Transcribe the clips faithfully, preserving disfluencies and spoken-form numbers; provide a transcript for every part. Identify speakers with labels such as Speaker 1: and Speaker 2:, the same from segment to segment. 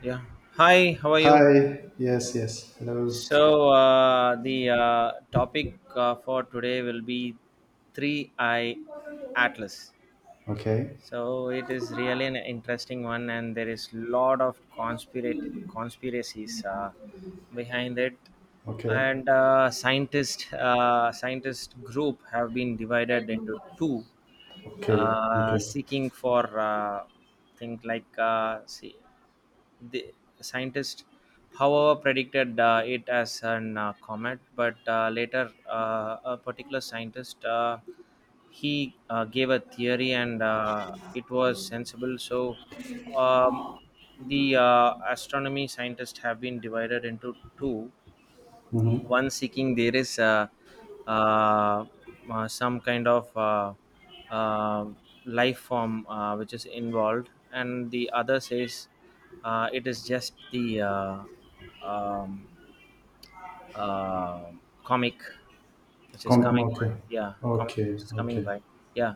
Speaker 1: Yeah. Hi, how are you?
Speaker 2: Hi. Yes, yes. Hello.
Speaker 1: So, uh, the uh, topic uh, for today will be three I Atlas.
Speaker 2: Okay.
Speaker 1: So, it is really an interesting one, and there is lot of conspirate conspiracies uh, behind it.
Speaker 2: Okay.
Speaker 1: And uh, scientist uh, scientist group have been divided into two,
Speaker 2: Okay.
Speaker 1: uh,
Speaker 2: Okay.
Speaker 1: seeking for uh, things like uh, see the scientists however predicted uh, it as an uh, comet, but uh, later uh, a particular scientist uh, he uh, gave a theory, and uh, it was sensible. So um, the uh, astronomy scientists have been divided into two.
Speaker 2: Mm-hmm.
Speaker 1: One seeking there is, uh, uh, uh, some kind of, uh, uh, life form uh, which is involved, and the other says uh, it is just the uh, um, uh, comic which is
Speaker 2: Come,
Speaker 1: coming by.
Speaker 2: okay.
Speaker 1: Yeah, comic which
Speaker 2: Okay.
Speaker 1: is coming
Speaker 2: Okay.
Speaker 1: by. Yeah.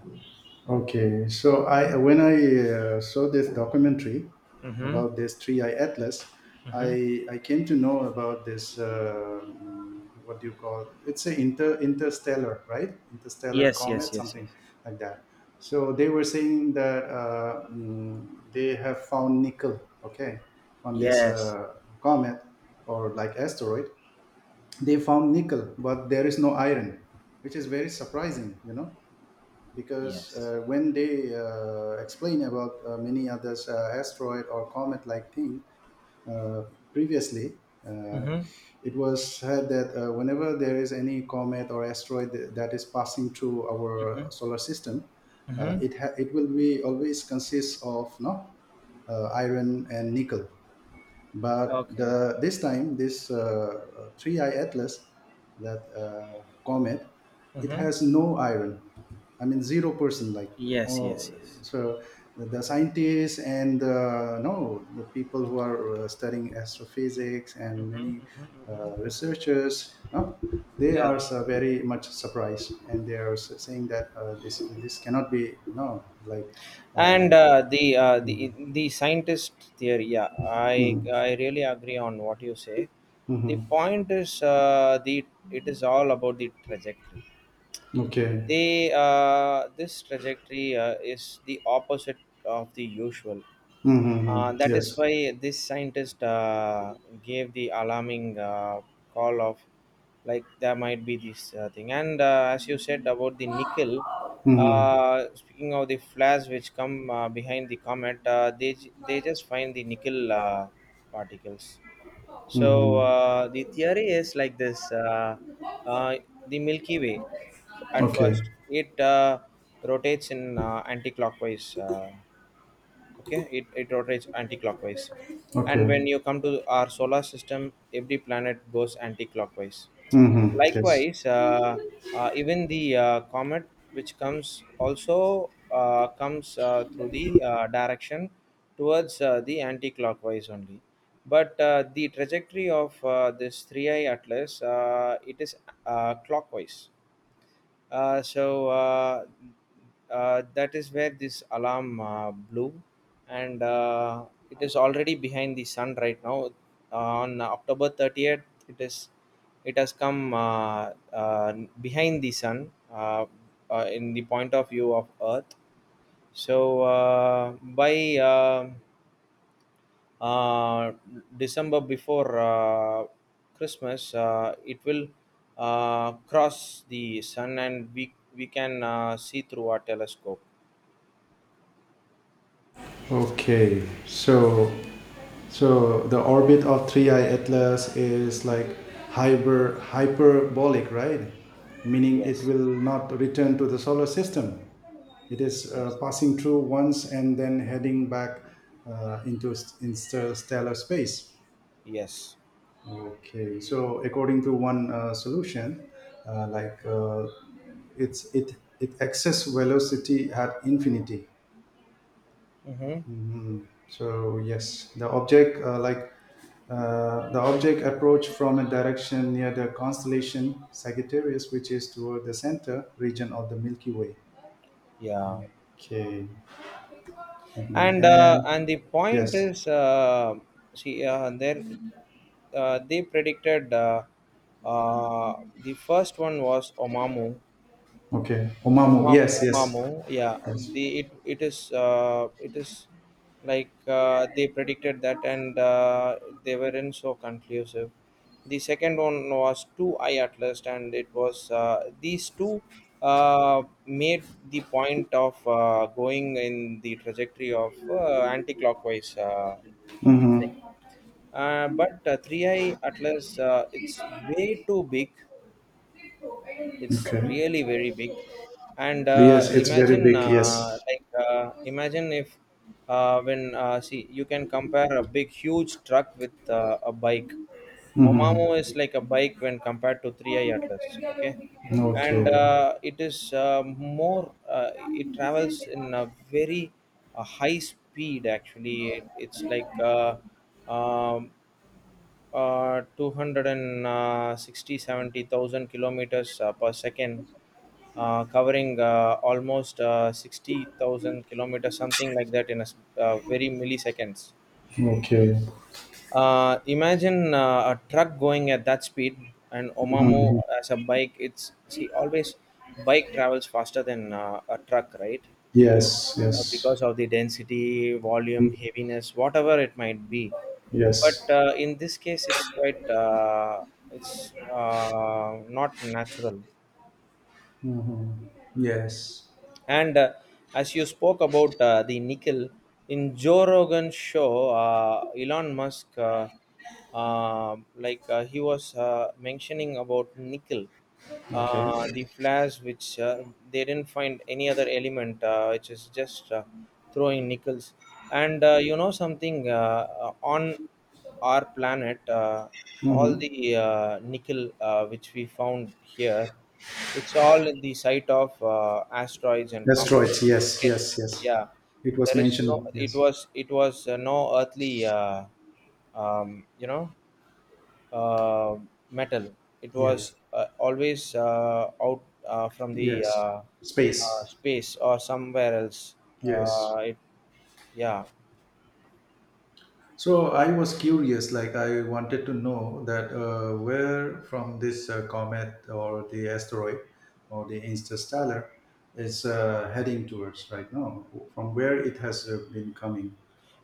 Speaker 2: Okay, so I when I uh, saw this documentary
Speaker 1: Mm-hmm,
Speaker 2: about this Three Eye Atlas.
Speaker 1: mm-hmm.
Speaker 2: I I came to know about this uh, mm, what do you call it's a inter interstellar right interstellar
Speaker 1: Yes,
Speaker 2: comet
Speaker 1: yes, yes, yes,
Speaker 2: something like that. So they were saying that uh, mm, they have found nickel, okay, on this
Speaker 1: yes,
Speaker 2: uh, comet or like asteroid. They found nickel, but there is no iron, which is very surprising, you know because
Speaker 1: yes.
Speaker 2: uh, when they uh, explain about uh, many others uh, asteroid or comet like thing, uh, previously, uh,
Speaker 1: Mm-hmm,
Speaker 2: it was said that uh, whenever there is any comet or asteroid th- that is passing through our
Speaker 1: mm-hmm,
Speaker 2: solar system, uh,
Speaker 1: mm-hmm.
Speaker 2: it ha- it will be always consists of no uh, iron and nickel. But
Speaker 1: Okay.
Speaker 2: the this time this uh, three eye atlas that uh, comet, it
Speaker 1: Mm-hmm.
Speaker 2: has no iron, I mean zero percent, like.
Speaker 1: Yes,
Speaker 2: Oh.
Speaker 1: yes, yes.
Speaker 2: So the scientists and, uh, no, the people who are uh, studying astrophysics and many uh, researchers, no, they
Speaker 1: Yeah.
Speaker 2: are so very much surprised and they are s- saying that uh, this this cannot be, no, like.
Speaker 1: And
Speaker 2: uh,
Speaker 1: uh, the uh, the
Speaker 2: mhm.
Speaker 1: the scientist theory, yeah, i
Speaker 2: Mhm.
Speaker 1: i really agree on what you say. The
Speaker 2: Mhm.
Speaker 1: point is, uh, the it is all about the trajectory.
Speaker 2: Okay.
Speaker 1: They uh, This trajectory uh, is the opposite of the usual. Uh,
Speaker 2: Mm-hmm.
Speaker 1: that is
Speaker 2: Yes.
Speaker 1: why this scientist uh, gave the alarming uh, call of, like, there might be this uh, thing. And uh, as you said about the nickel,
Speaker 2: Mm-hmm.
Speaker 1: uh, speaking of the flares which come uh, behind the comet, uh, they j- they just find the nickel uh, particles. So
Speaker 2: Mm-hmm.
Speaker 1: uh, the theory is like this: uh, uh, the Milky Way, f- at
Speaker 2: Okay.
Speaker 1: first, it uh, rotates in uh, anti-clockwise. Uh, okay it, it rotates anti-clockwise, and when
Speaker 2: Okay.
Speaker 1: you come to our solar system, every planet goes anti-clockwise.
Speaker 2: Mm-hmm. Yes.
Speaker 1: Likewise, uh, uh, even the uh, comet which comes also uh, comes uh, through the uh, direction towards uh, the anti-clockwise only, but uh, the trajectory of uh, this three I atlas, uh, it is uh, clockwise. uh, so uh, uh, that is where this alarm uh, blew, and uh, it is already behind the sun right now. Uh, on October thirtieth, it is it has come uh, uh, behind the sun, uh, uh, in the point of view of Earth. So uh, by uh, uh, December, before uh, Christmas, uh, it will uh, cross the sun, and we, we can uh, see through our telescope.
Speaker 2: Okay. So, so the orbit of three eye Atlas is like hyper hyperbolic, right? Meaning it
Speaker 1: Yes,
Speaker 2: will not return to the solar system. It is uh,
Speaker 1: yes,
Speaker 2: passing through once and then heading back uh, into s- interstellar space.
Speaker 1: yes.
Speaker 2: Okay, so according to one uh, solution, uh, like uh, it's it it excess velocity at infinity.
Speaker 1: Mm-hmm.
Speaker 2: Mhm. So, yes, the object uh, like uh, the object approach from a direction near the constellation Sagittarius, which is toward the center region of the Milky Way.
Speaker 1: Yeah.
Speaker 2: Okay. Mhm.
Speaker 1: And uh,
Speaker 2: and
Speaker 1: and the
Speaker 2: yes.
Speaker 1: point is, uh, see, uh, there uh, they predicted, uh, uh, the first one was Oumuamua,
Speaker 2: Okay, Oumuamua.
Speaker 1: Omam-
Speaker 2: Yes, yes,
Speaker 1: Omamo, yeah.
Speaker 2: yes.
Speaker 1: the it it is, uh, it is like, uh, they predicted that, and uh, they weren't so conclusive. The second one was two eye atlas, and it was uh, these two uh, made the point of uh, going in the trajectory of uh, anti-clockwise, uh, this thing.
Speaker 2: Mm-hmm.
Speaker 1: Uh, but uh, three I Atlas, uh, it's way too big, it's
Speaker 2: Okay.
Speaker 1: really very big. And
Speaker 2: Yes,
Speaker 1: uh,
Speaker 2: it's very
Speaker 1: imagine,
Speaker 2: big. Yes.
Speaker 1: uh, like uh, imagine if, uh, when uh, see, you can compare a big huge truck with uh, a bike.
Speaker 2: Mm-hmm.
Speaker 1: Omamo is like a bike when compared to three I atlas, okay. And
Speaker 2: Okay.
Speaker 1: uh, it is, uh, more uh, it travels in a very uh, high speed, actually. It, it's like uh, um, uh, two hundred and sixty, seventy thousand kilometers uh, per second, uh, covering uh, almost uh, sixty thousand kilometers, something like that, in a s- uh, very milliseconds.
Speaker 2: Okay.
Speaker 1: Uh, imagine uh, a truck going at that speed. And Omamu,
Speaker 2: Hmm.
Speaker 1: as a bike, it's see, always bike travels faster than uh, a truck, right?
Speaker 2: Yes.
Speaker 1: uh,
Speaker 2: Yes.
Speaker 1: because of the density, volume, heaviness, whatever it might be.
Speaker 2: Yes.
Speaker 1: But uh, in this case, it's quite uh, it's uh, not natural.
Speaker 2: Hmm. Yes.
Speaker 1: And uh, as you spoke about uh, the nickel in Joe Rogan show, uh, Elon Musk, uh, uh, like uh, he was uh, mentioning about nickel,
Speaker 2: Okay.
Speaker 1: uh, the flares which, uh, they didn't find any other element, uh, which is just uh, throwing nickels. And uh, you know something, uh, uh, on our planet, uh, all
Speaker 2: Mm-hmm.
Speaker 1: the uh, nickel uh, which we found here. It's all at the site of uh, asteroids and comets.
Speaker 2: Asteroids. Yes.
Speaker 1: It,
Speaker 2: Yes. Yes.
Speaker 1: yeah,
Speaker 2: It was
Speaker 1: there is no.
Speaker 2: mentioned.
Speaker 1: It
Speaker 2: Yes.
Speaker 1: was it was uh, no earthly, uh, um, you know, uh, metal. It
Speaker 2: Yes.
Speaker 1: was uh, always uh, out uh, from the uh,
Speaker 2: Yes.
Speaker 1: uh,
Speaker 2: Space.
Speaker 1: space, or somewhere else.
Speaker 2: Yes.
Speaker 1: Uh, it, yeah,
Speaker 2: So I was curious, like, I wanted to know that uh, where from this uh, comet or the asteroid or the interstellar is uh, heading towards right now, from where it has uh, been coming.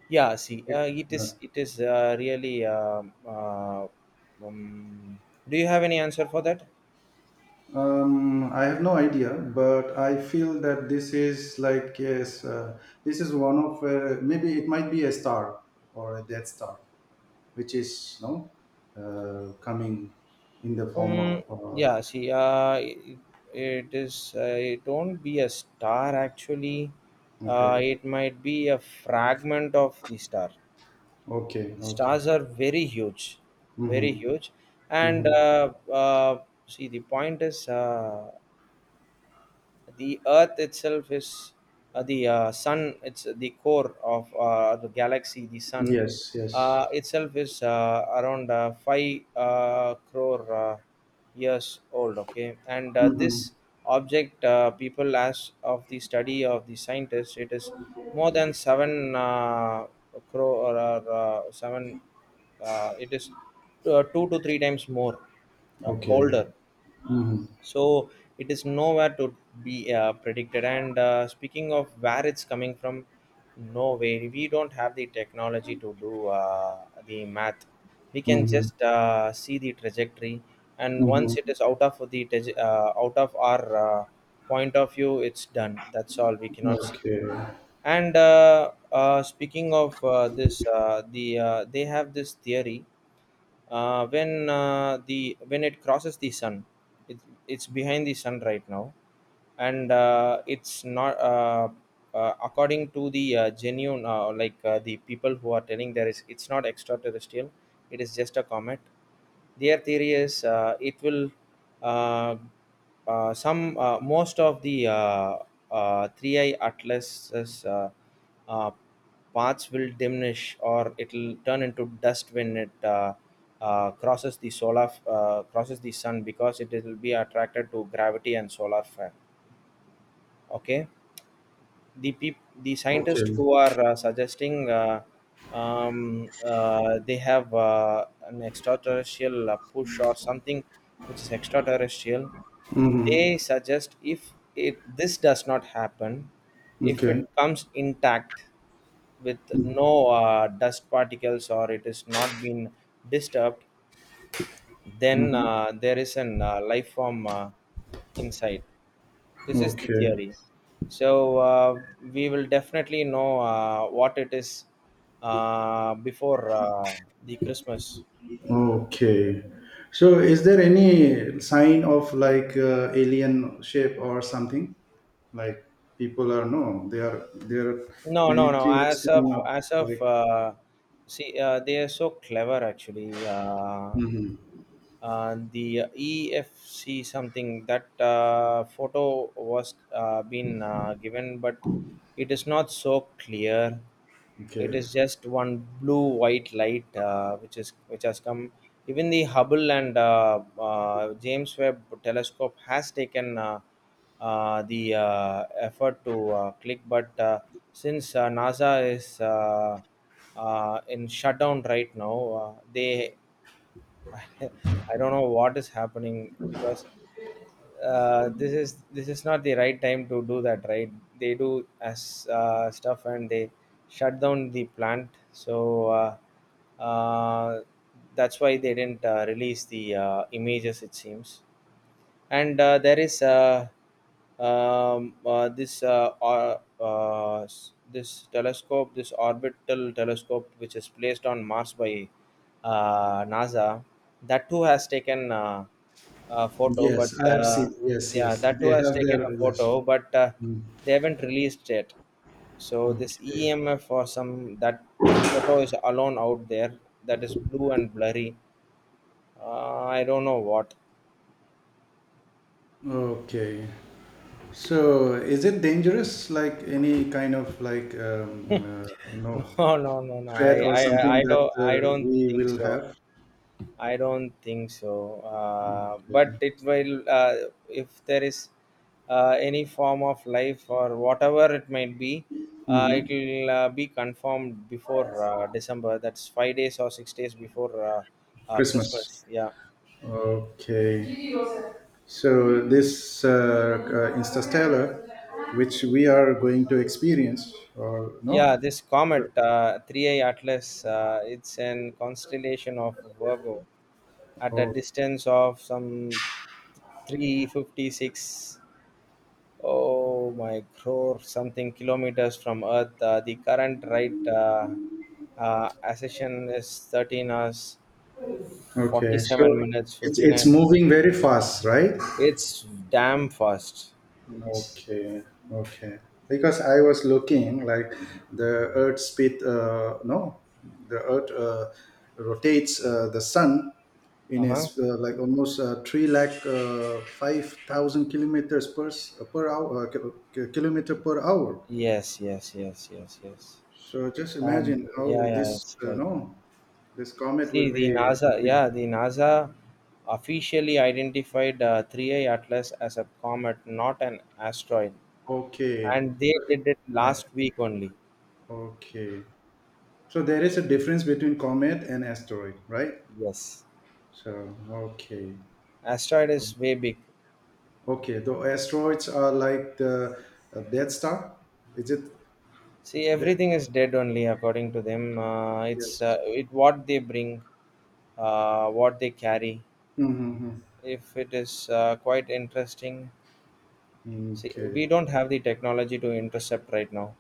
Speaker 1: yeah. See,
Speaker 2: Yeah.
Speaker 1: uh, it
Speaker 2: Yeah.
Speaker 1: is it is uh, really. um uh, um, do you have any answer for that?
Speaker 2: Um, I have no idea, but I feel that this is, like, yes, uh, this is one of, uh, maybe it might be a star or a dead star, which is, no, uh, coming in the form of,
Speaker 1: Um,
Speaker 2: uh,
Speaker 1: yeah, see, uh, it, it is, uh, it won't be a star, actually. Uh,
Speaker 2: okay.
Speaker 1: it might be a fragment of the star.
Speaker 2: Okay, okay.
Speaker 1: Stars are very huge, very
Speaker 2: Mm-hmm.
Speaker 1: huge. And
Speaker 2: Mm-hmm.
Speaker 1: uh, uh, see, the point is, uh, the earth itself is, uh, the uh, sun, it's the core of uh, the galaxy. The sun
Speaker 2: Yes, yes.
Speaker 1: uh, itself is uh, around uh, five uh, crore uh, years old, okay. And uh,
Speaker 2: Mm-hmm.
Speaker 1: this object, uh, people as of the study of the scientists, it is more than seven, uh, crore, or uh, seven, uh, it is uh, two to three times more uh,
Speaker 2: Okay.
Speaker 1: older.
Speaker 2: Mm-hmm.
Speaker 1: So it is nowhere to be uh, predicted. And uh, speaking of where it's coming from, no way, we don't have the technology to do uh, the math. We can
Speaker 2: Mm-hmm.
Speaker 1: just uh, see the trajectory. And once it
Speaker 2: Mm-hmm.
Speaker 1: is out of the traje- uh, out of our uh, point of view, it's done, that's all, we cannot see.
Speaker 2: Okay.
Speaker 1: And uh, uh, speaking of uh, this, uh, the uh, they have this theory, uh, when uh, the when it crosses the sun. it, it's behind the sun right now. And uh, it's not, uh, uh, according to the uh, genuine, uh, like uh, the people who are telling, there is, it's not extraterrestrial, it is just a comet. Their theory is, uh, it will uh, uh, some uh, most of the uh, uh, three I atlases uh, uh, parts will diminish or it'll turn into dust when it uh, uh, crosses the solar uh, crosses the sun, because it will be attracted to gravity and solar flare, okay. The peop- the scientists
Speaker 2: Okay.
Speaker 1: who are uh, suggesting, uh, um, uh, they have uh, an extraterrestrial uh, push or something, which is extraterrestrial. They
Speaker 2: Mm-hmm.
Speaker 1: suggest, if it this does not happen, if
Speaker 2: Okay.
Speaker 1: it comes intact with no uh, dust particles, or it is not been disturbed, then
Speaker 2: Mm-hmm.
Speaker 1: uh, there is an uh, life form uh, inside. This is the
Speaker 2: Okay.
Speaker 1: theory. So uh, we will definitely know uh, what it is uh, before uh, the Christmas.
Speaker 2: Okay. So is there any sign of, like, uh, alien shape or something? Like, people are, no, there are there are
Speaker 1: No,
Speaker 2: many
Speaker 1: no, no.
Speaker 2: theories
Speaker 1: As of
Speaker 2: coming up.
Speaker 1: as of,
Speaker 2: Like.
Speaker 1: uh, see, uh, they are so clever, actually. Uh,
Speaker 2: Mhm.
Speaker 1: uh, the E F C, something, that uh, photo was uh, been uh, given, but it is not so clear. It
Speaker 2: Okay.
Speaker 1: is just one blue white light, uh, which is which has come. Even the Hubble and uh, uh, James Webb telescope has taken, uh, uh, the uh, effort to uh, click, but uh, since uh, NASA is uh, uh, in shutdown right now, uh, they I don't know what is happening, because uh, this is this is not the right time to do that, right? They do as uh, stuff, and they shut down the plant. So uh, uh, that's why they didn't uh, release the uh, images, it seems. And uh, there is, uh, um, uh, this, uh, or- uh, s- this telescope, this orbital telescope, which is placed on Mars by uh, NASA. That too has taken uh, a photo,
Speaker 2: Yes,
Speaker 1: but
Speaker 2: I have
Speaker 1: uh,
Speaker 2: seen. Yes, yes.
Speaker 1: yeah, that
Speaker 2: They
Speaker 1: too has
Speaker 2: have their,
Speaker 1: taken a
Speaker 2: yes.
Speaker 1: photo, but uh,
Speaker 2: Mm-hmm.
Speaker 1: they haven't released it. So this
Speaker 2: Okay.
Speaker 1: E M F, or some, that photo is alone out there. That is blue and blurry. Uh, I don't know what.
Speaker 2: Okay. So is it dangerous, like, any kind of, like, um, uh, you know
Speaker 1: No, no, no, no. I,
Speaker 2: threat or
Speaker 1: I,
Speaker 2: something
Speaker 1: I
Speaker 2: that
Speaker 1: don't, I
Speaker 2: uh,
Speaker 1: don't
Speaker 2: we
Speaker 1: think
Speaker 2: will
Speaker 1: so.
Speaker 2: have?
Speaker 1: I don't think so. Uh, but
Speaker 2: Okay.
Speaker 1: it will, uh, if there is uh, any form of life, or whatever it might be, uh, it
Speaker 2: Hmm.
Speaker 1: will uh, be confirmed before uh, December. That's five days or six days before uh, uh,
Speaker 2: Christmas.
Speaker 1: Christmas. Yeah,
Speaker 2: Okay. So this uh, uh, Interstellar, which we are going to experience, or
Speaker 1: yeah.
Speaker 2: no?
Speaker 1: This comet, uh, three A Atlas, uh, it's an constellation of Virgo at a
Speaker 2: Oh,
Speaker 1: distance of some three hundred fifty-six, oh my, crore something kilometers from earth. Uh, the current right uh, uh, ascension is thirteen hours,
Speaker 2: okay. So
Speaker 1: forty-seven minutes,
Speaker 2: it's it's
Speaker 1: fifty-nine.
Speaker 2: moving very fast, right?
Speaker 1: It's damn fast.
Speaker 2: Okay, okay. Because I was looking, like, the Earth speed, uh, no, the Earth uh, rotates uh, the sun in
Speaker 1: Uh-huh.
Speaker 2: is uh, like almost uh, three lakh uh, five thousand kilometers per s- uh, per hour uh, ki- ki- kilometer per hour.
Speaker 1: Yes, yes, yes, yes, yes.
Speaker 2: So just
Speaker 1: And
Speaker 2: imagine
Speaker 1: yeah,
Speaker 2: how
Speaker 1: yeah,
Speaker 2: this
Speaker 1: it's
Speaker 2: uh,
Speaker 1: like,
Speaker 2: no, this comet
Speaker 1: see,
Speaker 2: will
Speaker 1: the
Speaker 2: be
Speaker 1: nasa
Speaker 2: moving.
Speaker 1: yeah the NASA officially identified, uh, three A atlas as a comet, not an asteroid,
Speaker 2: Okay,
Speaker 1: and they
Speaker 2: so
Speaker 1: did it
Speaker 2: it-
Speaker 1: last week only.
Speaker 2: okay. So there is a difference between comet and asteroid, right?
Speaker 1: Yes,
Speaker 2: So, okay,
Speaker 1: asteroid is way big.
Speaker 2: okay. The asteroids are like the uh, Death Star. Is it?
Speaker 1: See,
Speaker 2: The,
Speaker 1: everything is dead only according to them. Uh,
Speaker 2: yes.
Speaker 1: it's, uh, it what they bring, uh, what they carry.
Speaker 2: Mm-hmm.
Speaker 1: If it is uh, quite interesting,
Speaker 2: Mm-hmm.
Speaker 1: see,
Speaker 2: Okay.
Speaker 1: we don't have the technology to intercept right now.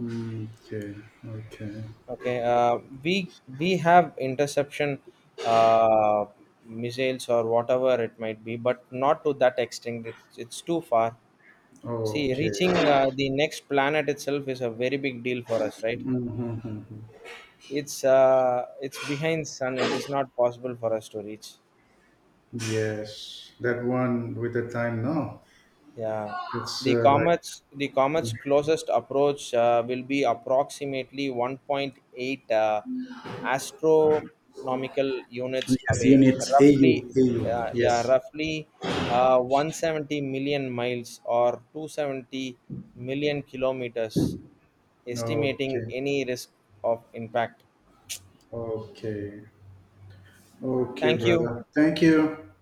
Speaker 2: Okay. Okay.
Speaker 1: Okay, uh, we we have interception uh, missiles, or whatever it might be, but not to that extent. It's it's too far. See,
Speaker 2: Okay.
Speaker 1: reaching uh, the next planet itself is a very big deal for us, right? It's uh it's behind sun, it is not possible for us to reach.
Speaker 2: Yes, that one with the time now.
Speaker 1: Yeah,
Speaker 2: It's
Speaker 1: the
Speaker 2: uh, like,
Speaker 1: comets the comet's closest approach uh, will be approximately one point eight uh, astronomical units
Speaker 2: yes,
Speaker 1: away,
Speaker 2: units AU
Speaker 1: roughly,
Speaker 2: AU.
Speaker 1: uh,
Speaker 2: Yes.
Speaker 1: yeah roughly, uh, one hundred seventy million miles or two hundred seventy million kilometers, estimating
Speaker 2: Okay.
Speaker 1: any risk of impact.
Speaker 2: Okay. Okay,
Speaker 1: Thank you.
Speaker 2: brother. Thank you.